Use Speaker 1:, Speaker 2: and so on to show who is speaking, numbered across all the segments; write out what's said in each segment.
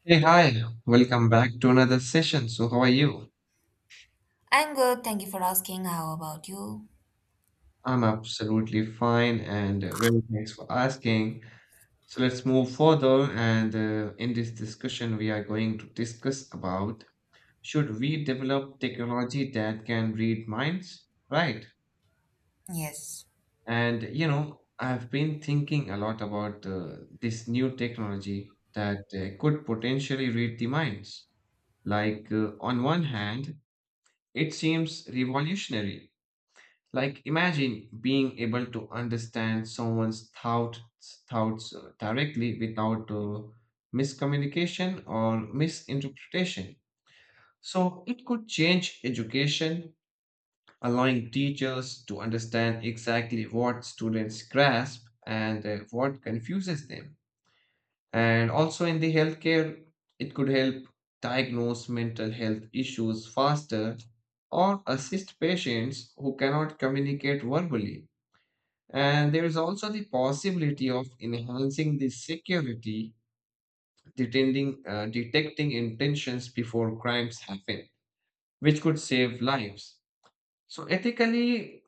Speaker 1: Hey, hi, welcome back to another session. So, how are you?
Speaker 2: I'm good. Thank you for asking. How about you?
Speaker 1: I'm absolutely fine and really thanks for asking. So, let's move further. And In this discussion, we are going to discuss about should we develop technology that can read minds? Right.
Speaker 2: Yes.
Speaker 1: And you know, I've been thinking a lot about this new technology that could potentially read the minds. On one hand, it seems revolutionary. Like, imagine being able to understand someone's thoughts directly without miscommunication or misinterpretation. So it could change education, allowing teachers to understand exactly what students grasp and what confuses them. And also in the healthcare, it could help diagnose mental health issues faster or assist patients who cannot communicate verbally. And there is also the possibility of enhancing the security, detecting intentions before crimes happen, which could save lives. So, ethically,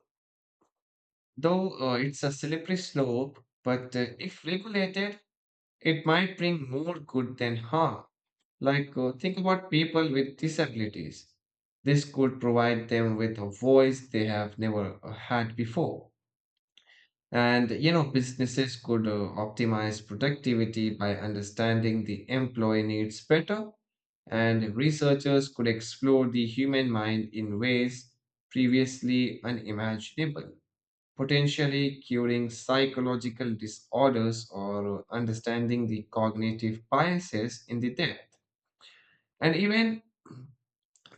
Speaker 1: though it's a slippery slope, but if regulated, it might bring more good than harm. Think about people with disabilities. This could provide them with a voice they have never had before. And you know, businesses could optimize productivity by understanding the employee needs better, and researchers could explore the human mind in ways previously unimaginable, potentially curing psychological disorders or understanding the cognitive biases in the depth. And even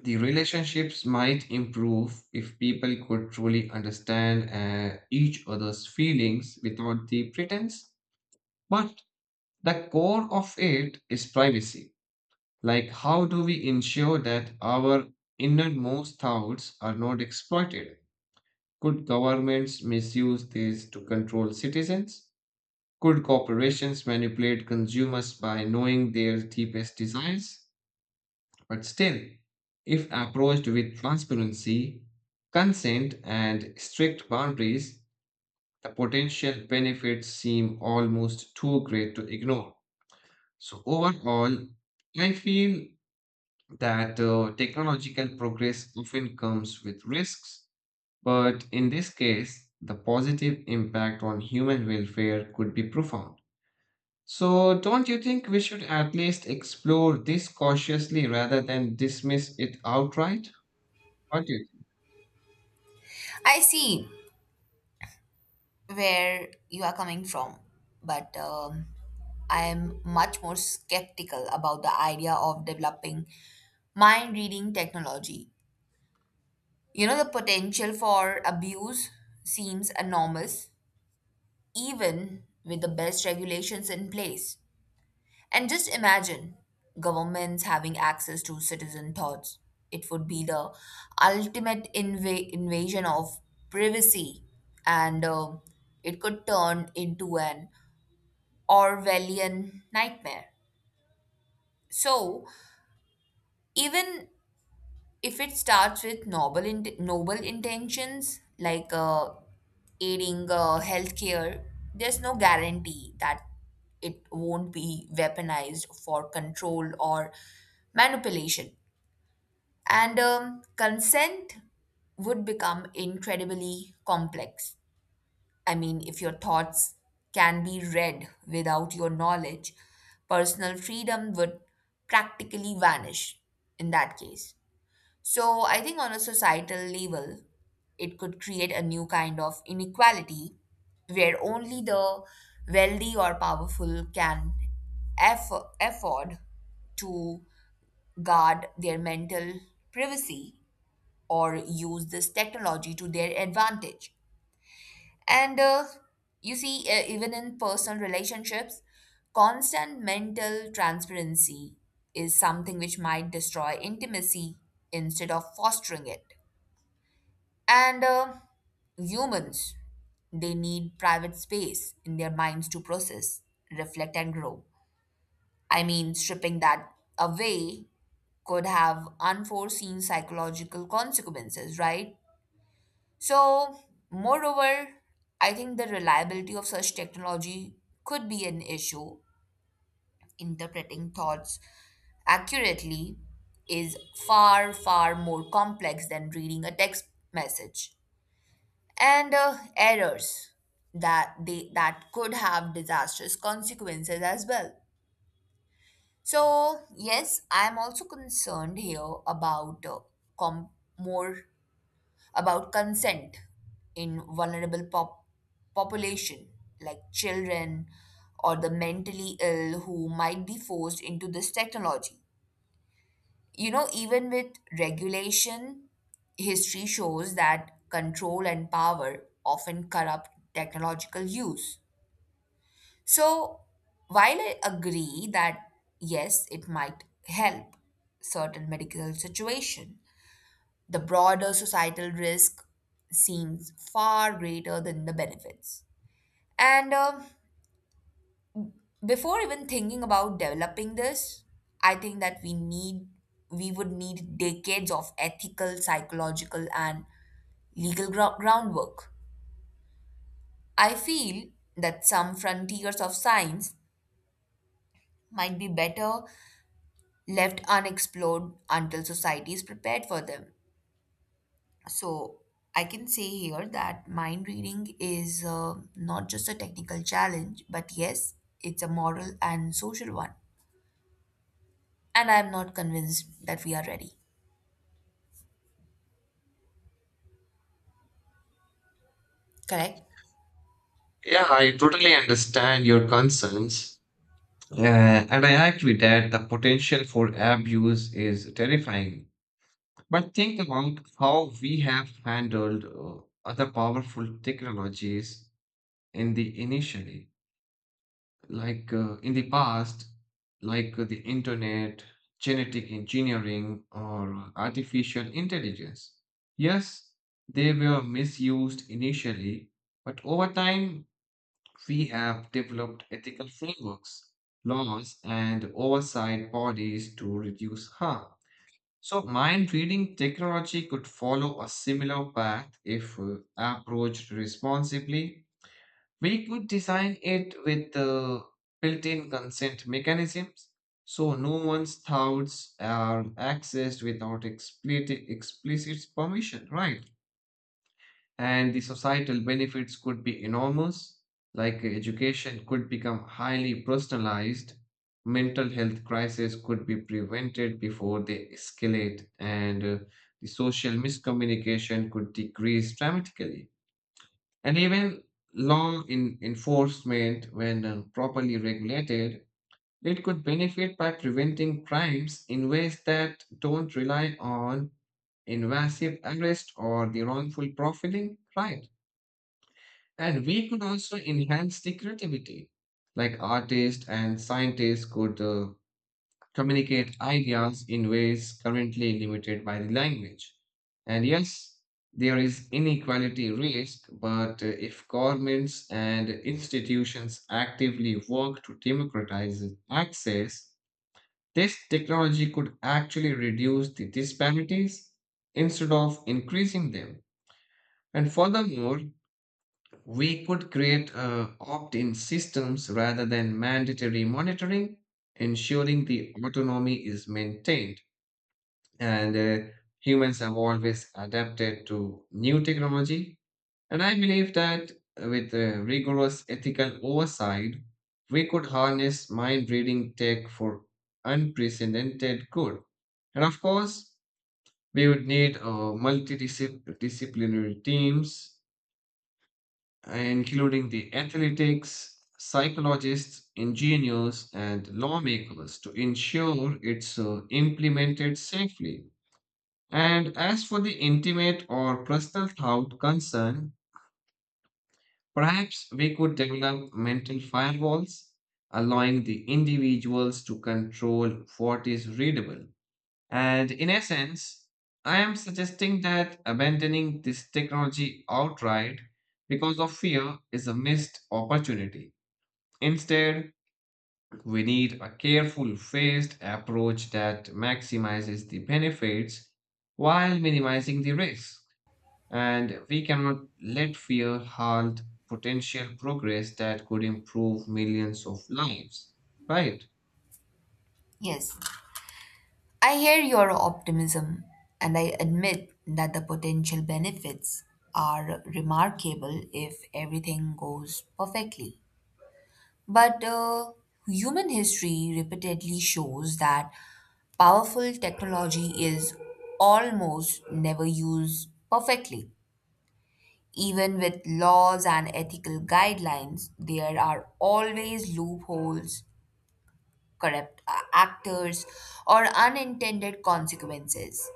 Speaker 1: the relationships might improve if people could truly understand each other's feelings without the pretense. But the core of it is privacy. Like, how do we ensure that our innermost thoughts are not exploited? Could governments misuse this to control citizens? Could corporations manipulate consumers by knowing their deepest desires? But still, if approached with transparency, consent, and strict boundaries, the potential benefits seem almost too great to ignore. So overall, I feel that technological progress often comes with risks, but in this case, the positive impact on human welfare could be profound. So, don't you think we should at least explore this cautiously rather than dismiss it outright? What do you think?
Speaker 2: I see where you are coming from, but I'm much more skeptical about the idea of developing mind reading technology. You know, the potential for abuse seems enormous, even with the best regulations in place. And just imagine governments having access to citizen thoughts. It would be the ultimate invasion of privacy, and it could turn into an Orwellian nightmare. So, even if it starts with noble intentions like aiding healthcare, there's no guarantee that it won't be weaponized for control or manipulation. And consent would become incredibly complex. I mean, if your thoughts can be read without your knowledge, personal freedom would practically vanish in that case. So I think on a societal level, it could create a new kind of inequality where only the wealthy or powerful can afford to guard their mental privacy or use this technology to their advantage. And you see, even in personal relationships, constant mental transparency is something which might destroy intimacy instead of fostering it. And humans, they need private space in their minds to process, reflect, and grow. I mean, stripping that away could have unforeseen psychological consequences, right? So, moreover, I think the reliability of such technology could be an issue. Interpreting thoughts accurately is far, far more complex than reading a text message. And errors that could have disastrous consequences as well. So yes, I am also concerned here about com- more about consent in population, like children or the mentally ill who might be forced into this technology. You know, even with regulation, history shows that control and power often corrupt technological use. So, while I agree that yes, it might help certain medical situation, the broader societal risk seems far greater than the benefits. And before even thinking about developing this, I think that we would need decades of ethical, psychological and groundwork. I feel that some frontiers of science might be better left unexplored until society is prepared for them. So I can say here that mind reading is not just a technical challenge, but yes, it's a moral and social one. And I'm not convinced that we are ready. Correct?
Speaker 1: Yeah, I totally understand your concerns. And I agree that the potential for abuse is terrifying. But think about how we have handled other powerful technologies in the initially, in the past, the internet, genetic engineering, or artificial intelligence. Yes, they were misused initially, but over time we have developed ethical frameworks, laws, and oversight bodies to reduce harm. So, mind reading technology could follow a similar path if approached responsibly. We could design it with built in consent mechanisms so no one's thoughts are accessed without explicit permission, right? And the societal benefits could be enormous. Education could become highly personalized, mental health crises could be prevented before they escalate, and the social miscommunication could decrease dramatically. And even law in enforcement, when properly regulated, it could benefit by preventing crimes in ways that don't rely on invasive arrest or the wrongful profiling, right? And we could also enhance the creativity. Like artists and scientists could communicate ideas in ways currently limited by the language. And yes, there is inequality risk, but if governments and institutions actively work to democratize access, this technology could actually reduce the disparities instead of increasing them. And furthermore, we could create opt in systems rather than mandatory monitoring, ensuring the autonomy is maintained. And Humans have always adapted to new technology. And I believe that with rigorous ethical oversight, we could harness mind reading tech for unprecedented good. And of course, we would need multidisciplinary teams including the athletics, psychologists, engineers, and lawmakers to ensure it's implemented safely. And as for the intimate or personal thought concern, perhaps we could develop mental firewalls, allowing the individuals to control what is readable. And in essence, I am suggesting that abandoning this technology outright because of fear is a missed opportunity. Instead, we need a careful, phased approach that maximizes the benefits while minimizing the risks. And we cannot let fear halt potential progress that could improve millions of lives. Right?
Speaker 2: Yes, I hear your optimism, and I admit that the potential benefits are remarkable if everything goes perfectly. But human history repeatedly shows that powerful technology is almost never used perfectly. Even with laws and ethical guidelines, there are always loopholes, corrupt actors, or unintended consequences.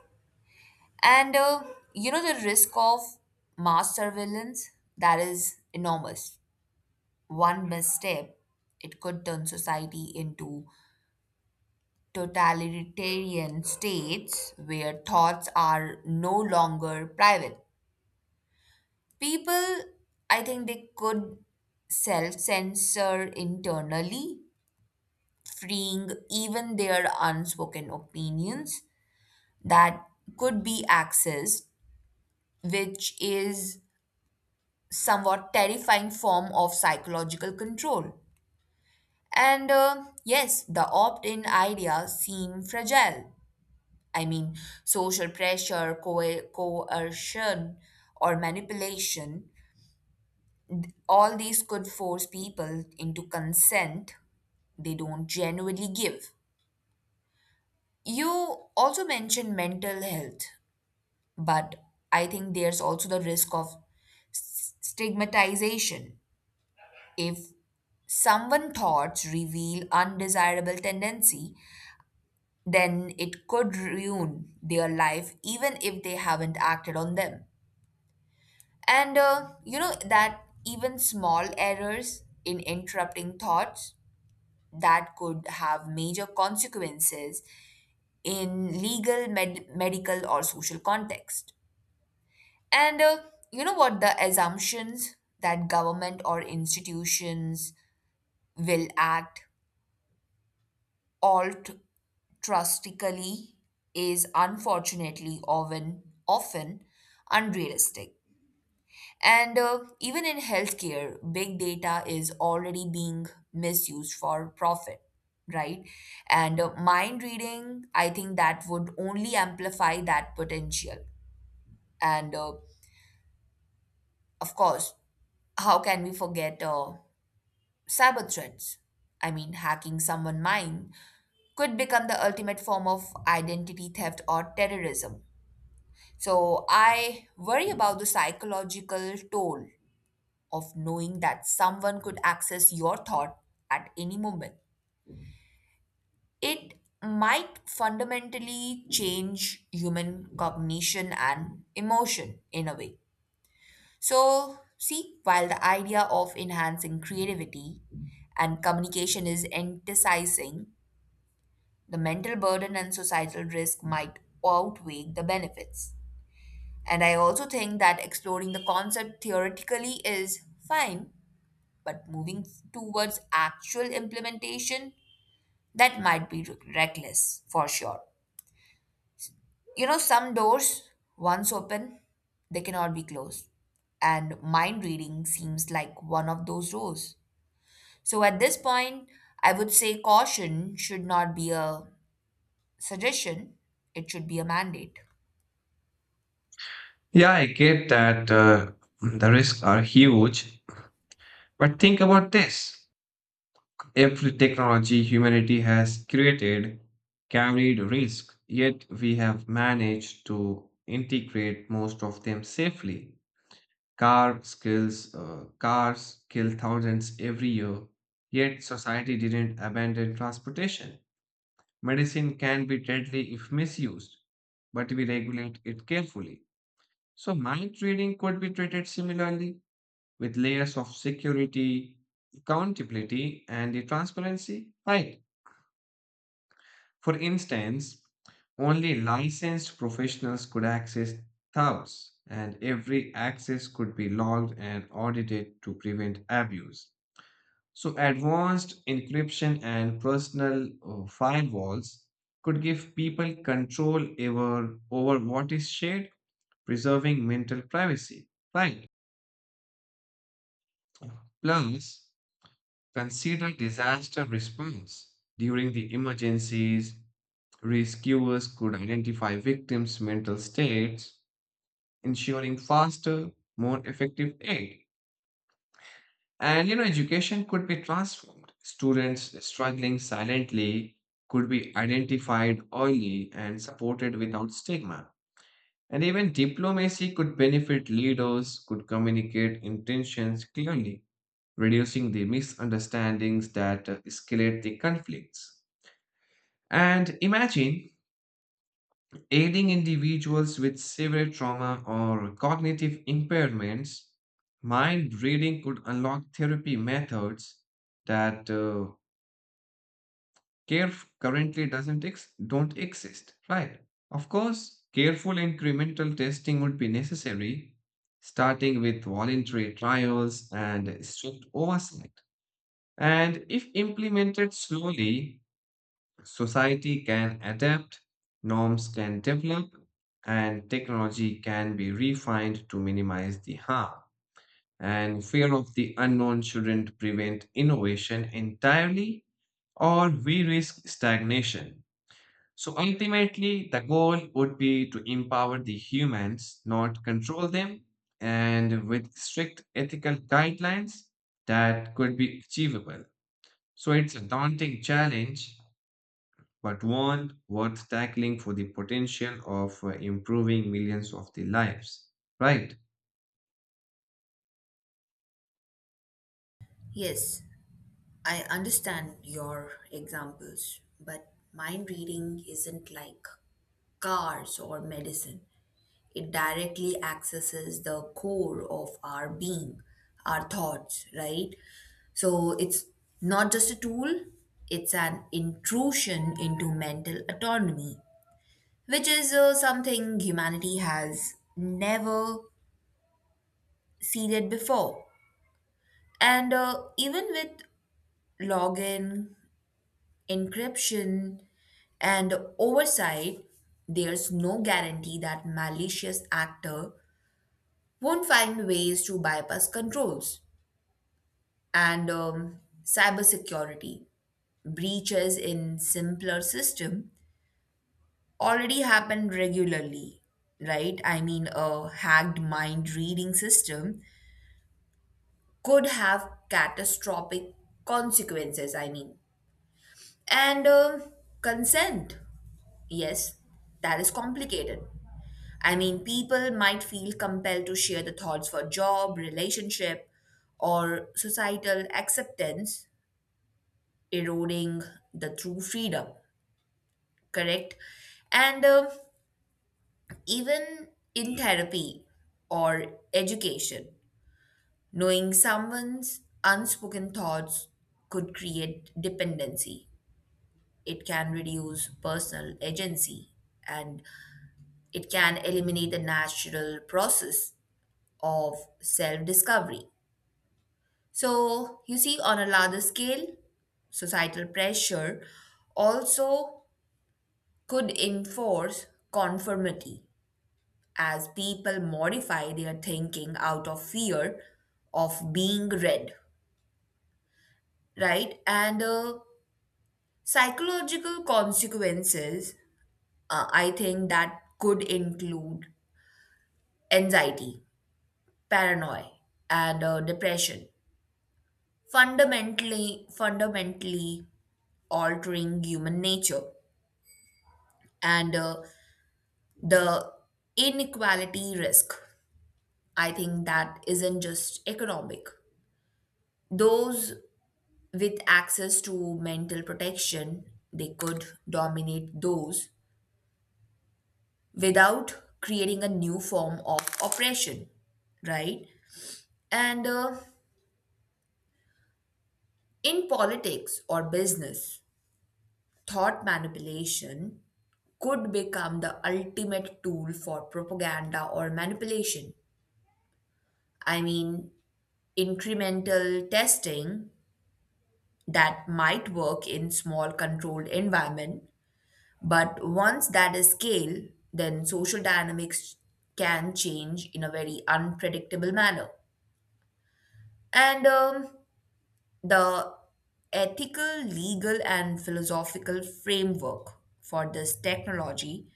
Speaker 2: And you know, the risk of mass surveillance, that is enormous. One misstep, it could turn society into totalitarian states where thoughts are no longer private. People, I think they could self censor internally, freeing even their unspoken opinions that could be accessed, which is somewhat terrifying form of psychological control. And yes, the opt in idea seem fragile. I mean, social pressure, coercion, or manipulation, all these could force people into consent they don't genuinely give. You also mentioned mental health, but I think there's also the risk of stigmatization. If someone thoughts reveal undesirable tendency, then it could ruin their life even if they haven't acted on them. And you know that even small errors in interrupting thoughts, that could have major consequences in legal, medical, or social context. And you know what, the assumptions that government or institutions will act alt Trustically is unfortunately often unrealistic. And even in healthcare, big data is already being misused for profit, right? And mind reading, I think that would only amplify that potential. And of course, how can we forget cyber threats? I mean, hacking someone' mind could become the ultimate form of identity theft or terrorism. So I worry about the psychological toll of knowing that someone could access your thought at any moment. It might fundamentally change human cognition and emotion in a way. So, see, while the idea of enhancing creativity and communication is emphasizing, the mental burden and societal risk might outweigh the benefits. And I also think that exploring the concept theoretically is fine, but moving towards actual implementation, that might be reckless for sure. You know, some doors, once open, they cannot be closed. And mind reading seems like one of those doors. So at this point, I would say caution should not be a suggestion, it should be a mandate.
Speaker 1: Yeah, I get that the risks are huge, but think about this. Every technology humanity has created carried risk, yet we have managed to integrate most of them safely. Cars kill thousands every year, yet society didn't abandon transportation. Medicine can be deadly if misused, but we regulate it carefully. So mind reading could be treated similarly with layers of security, accountability, and the transparency, right? For instance, only licensed professionals could access tubs, and every access could be logged and audited to prevent abuse. So, advanced encryption and personal firewalls could give people control over what is shared, preserving mental privacy. Right. Plus, consider disaster response during the emergencies. Rescuers could identify victims' mental states, ensuring faster, more effective aid. And you know, education could be transformed. Students struggling silently could be identified early and supported without stigma. And even diplomacy could benefit leaders, could communicate intentions clearly, reducing the misunderstandings that escalate the conflicts. And imagine aiding individuals with severe trauma or cognitive impairments, mind reading could unlock therapy methods that care currently doesn't ex- don't exist. Right. Of course, careful incremental testing would be necessary, starting with voluntary trials and strict oversight. And if implemented slowly, society can adapt, norms can develop, and technology can be refined to minimize the harm. And fear of the unknown shouldn't prevent innovation entirely, or we risk stagnation. So ultimately, the goal would be to empower the humans, not control them, and with strict ethical guidelines that could be achievable. So it's a daunting challenge, but one worth tackling for the potential of improving millions of the lives. Right?
Speaker 2: Yes, I understand your examples, but mind reading isn't like cars or medicine. It directly accesses the core of our being, our thoughts, right? So it's not just a tool, it's an intrusion into mental autonomy, which is something humanity has never ceded before. And even with login encryption, and oversight, there's no guarantee that malicious actor won't find ways to bypass controls. And cybersecurity breaches in simpler system already happen regularly, right? I mean, a hacked mind reading system could have catastrophic consequences. I mean, and consent, yes, that is complicated. I mean, people might feel compelled to share the thoughts for job, relationship, or societal acceptance, eroding the true freedom, correct? And even in therapy or education, knowing someone's unspoken thoughts could create dependency. It can reduce personal agency and it can eliminate the natural process of self discovery. So, you see, on a larger scale, societal pressure also could enforce conformity as people modify their thinking out of fear of being read, right? And psychological consequences, I think that could include anxiety, paranoia, and depression, fundamentally altering human nature. And the inequality risk, I think that isn't just economic. Those with access to mental protection, they could dominate those without, creating a new form of oppression, right? And in politics or business, thought manipulation could become the ultimate tool for propaganda or manipulation. I mean, incremental testing that might work in small controlled environment, but once that is scale, then social dynamics can change in a very unpredictable manner. And the ethical legal and philosophical framework for this technology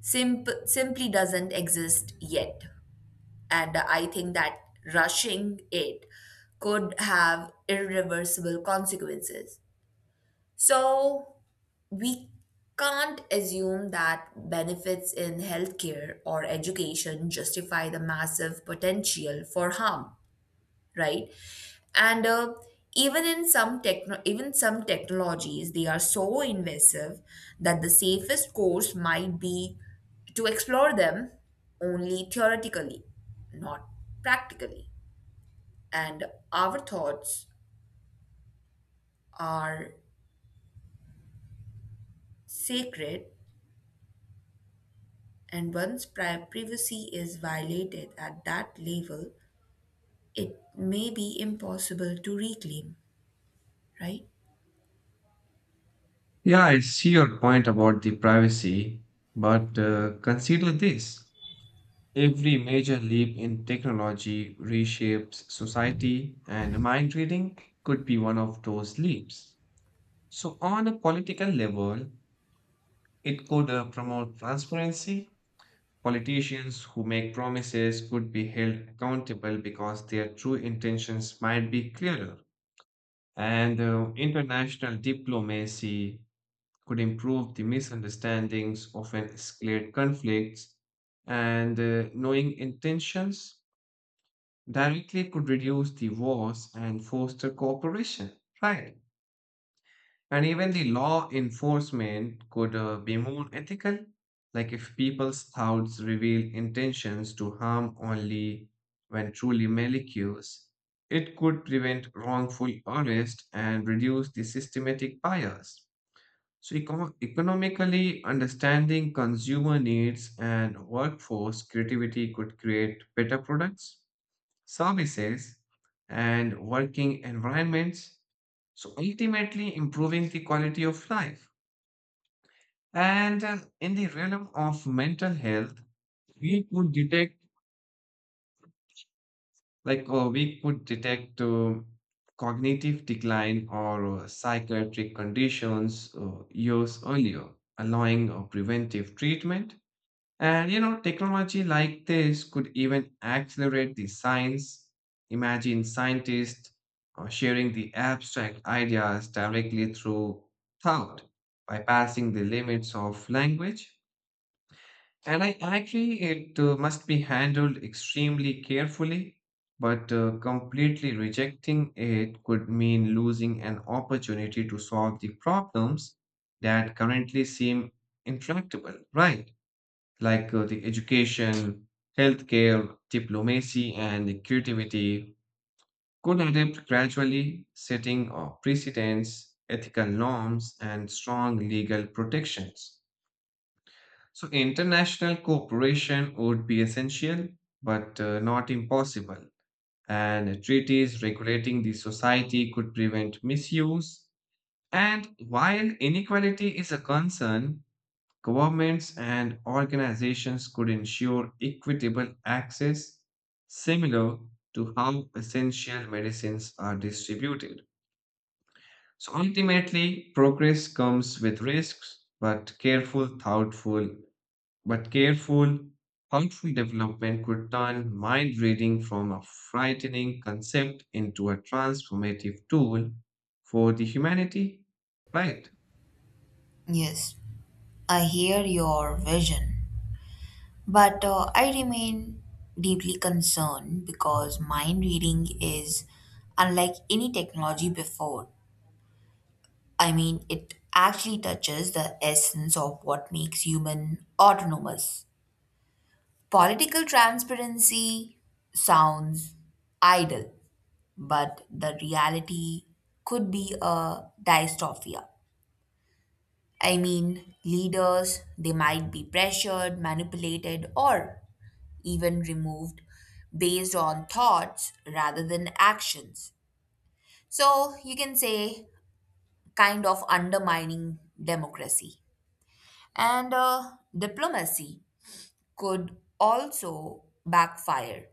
Speaker 2: simply doesn't exist yet. And I think that rushing it could have irreversible consequences. So we can't assume that benefits in healthcare or education justify the massive potential for harm, right? And even some technologies, they are so invasive that the safest course might be to explore them only theoretically, not practically. And our thoughts are sacred, and once privacy is violated at that level, it may be impossible to reclaim, right?
Speaker 1: Yeah, I see your point about the privacy, but consider this. Every major leap in technology reshapes society, and mind reading could be one of those leaps. So, on a political level, it could promote transparency. Politicians who make promises could be held accountable because their true intentions might be clearer. And International diplomacy could improve the misunderstandings of an escalate conflicts. And Knowing intentions directly could reduce the wars and foster cooperation. Right. And even the law enforcement could be more ethical, like if people's thoughts reveal intentions to harm only when truly malicious, it could prevent wrongful arrest and reduce the systematic bias. So, economically, understanding consumer needs and workforce creativity could create better products services, and working environments. So ultimately improving the quality of life. And In the realm of mental health, we could detect like uh, we could detect uh, cognitive decline or psychiatric conditions years earlier, allowing preventive treatment. And you know, technology like this could even accelerate the science. Imagine scientists sharing the abstract ideas directly through thought, bypassing the limits of language. And I agree, it must be handled extremely carefully, but completely rejecting it could mean losing an opportunity to solve the problems that currently seem intractable, right? The education, healthcare, diplomacy, and creativity could adapt gradually, setting precedents, ethical norms, and strong legal protections. So, international cooperation would be essential, but not impossible. And treaties regulating the society could prevent misuse. And while inequality is a concern, governments and organizations could ensure equitable access, similar to how essential medicines are distributed. So ultimately, progress comes with risks, but careful, thoughtful development could turn mind reading from a frightening concept into a transformative tool for the humanity, right?
Speaker 2: Yes, I hear your vision, but I remain deeply concerned because mind reading is unlike any technology before. I mean, it actually touches the essence of what makes human autonomous. Political transparency sounds idle, but the reality could be a dystopia. I mean, leaders, they might be pressured, manipulated, or even removed based on thoughts rather than actions. So you can say, kind of undermining democracy. And diplomacy could also backfire.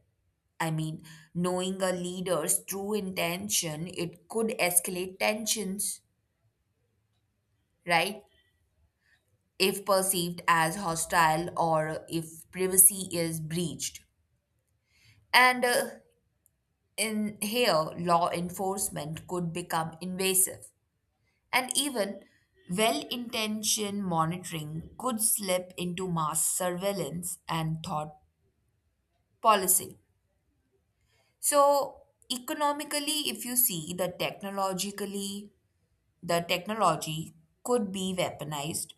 Speaker 2: I mean, knowing a leader's true intention, it could escalate tensions, right? If perceived as hostile or if privacy is breached. And in here, law enforcement could become invasive. And even well intentioned monitoring could slip into mass surveillance and thought policing. So, economically, if you see the technologically, the technology could be weaponized.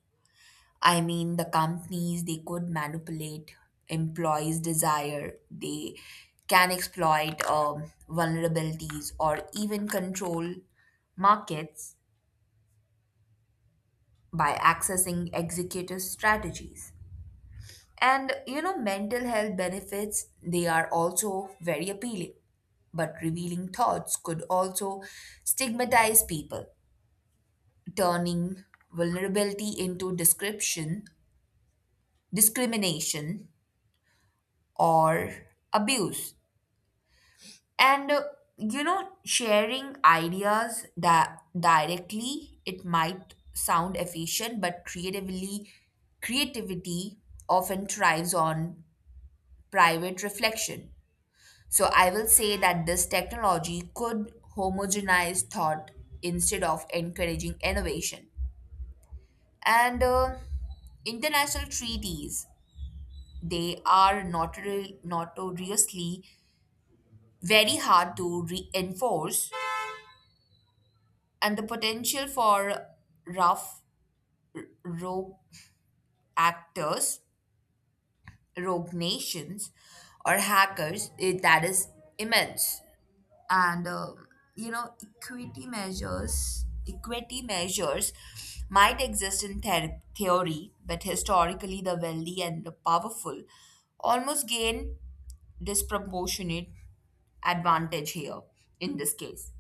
Speaker 2: I mean, the companies, they could manipulate employees' desire, they can exploit vulnerabilities or even control markets by accessing executive strategies. And you know, mental health benefits, they are also very appealing. But revealing thoughts could also stigmatize people, turning vulnerability into description, discrimination or abuse. And you know, sharing ideas that directly it might sound efficient, but creatively creativity often thrives on private reflection. So I will say that this technology could homogenize thought instead of encouraging innovation. And international treaties, they are notoriously very hard to enforce, and the potential for rough rogue actors, rogue nations, or hackers that is immense. And you know, equity measures might exist in theory, but historically, the wealthy and the powerful almost gain disproportionate advantage here in this case.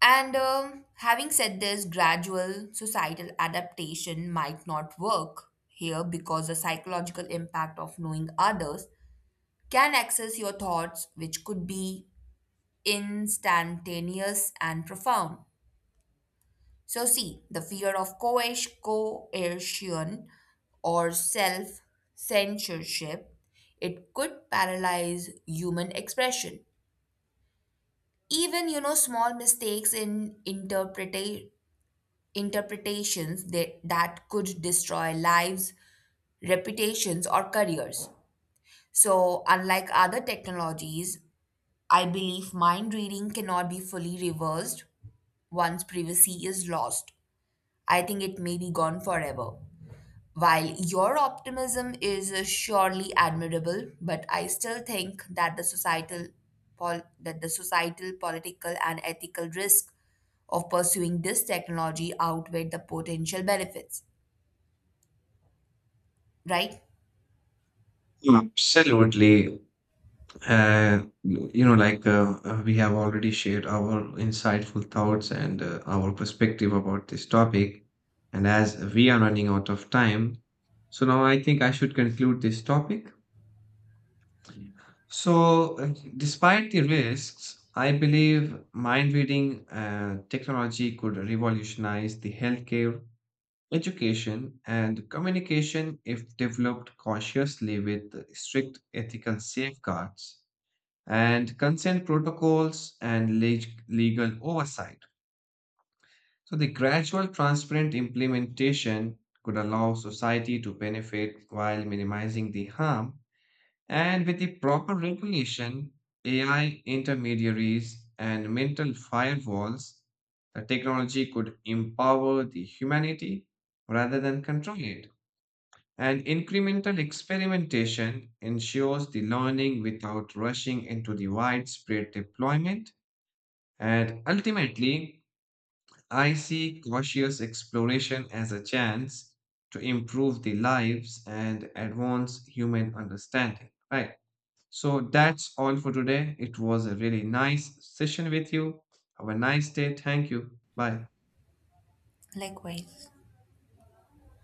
Speaker 2: And having said this, gradual societal adaptation might not work here because the psychological impact of knowing others can access your thoughts, which could be instantaneous and profound. So, see, the fear of coercion or self censorship, it could paralyze human expression. Even you know small mistakes in interpretations that could destroy lives, reputations, or careers. So, unlike other technologies, I believe mind reading cannot be fully reversed once privacy is lost. I think it may be gone forever. While your optimism is surely admirable, but I still think that that the societal, political, and ethical risk of pursuing this technology outweigh the potential benefits. Right?
Speaker 1: Absolutely. We have already shared our insightful thoughts and our perspective about this topic. And as we are running out of time, so now I think I should conclude this topic. So, despite the risks, I believe mind reading technology could revolutionize the healthcare, education, and communication if developed cautiously with strict ethical safeguards and consent protocols and legal oversight. So, the gradual, transparent implementation could allow society to benefit while minimizing the harm. And with the proper regulation, AI intermediaries, and mental firewalls, the technology could empower the humanity rather than control it. And incremental experimentation ensures the learning without rushing into the widespread deployment. And ultimately, I see cautious exploration as a chance to improve the lives and advance human understanding. Right. So that's all for today. It was a really nice session with you. Have a nice day. Thank you. Bye.
Speaker 2: Likewise.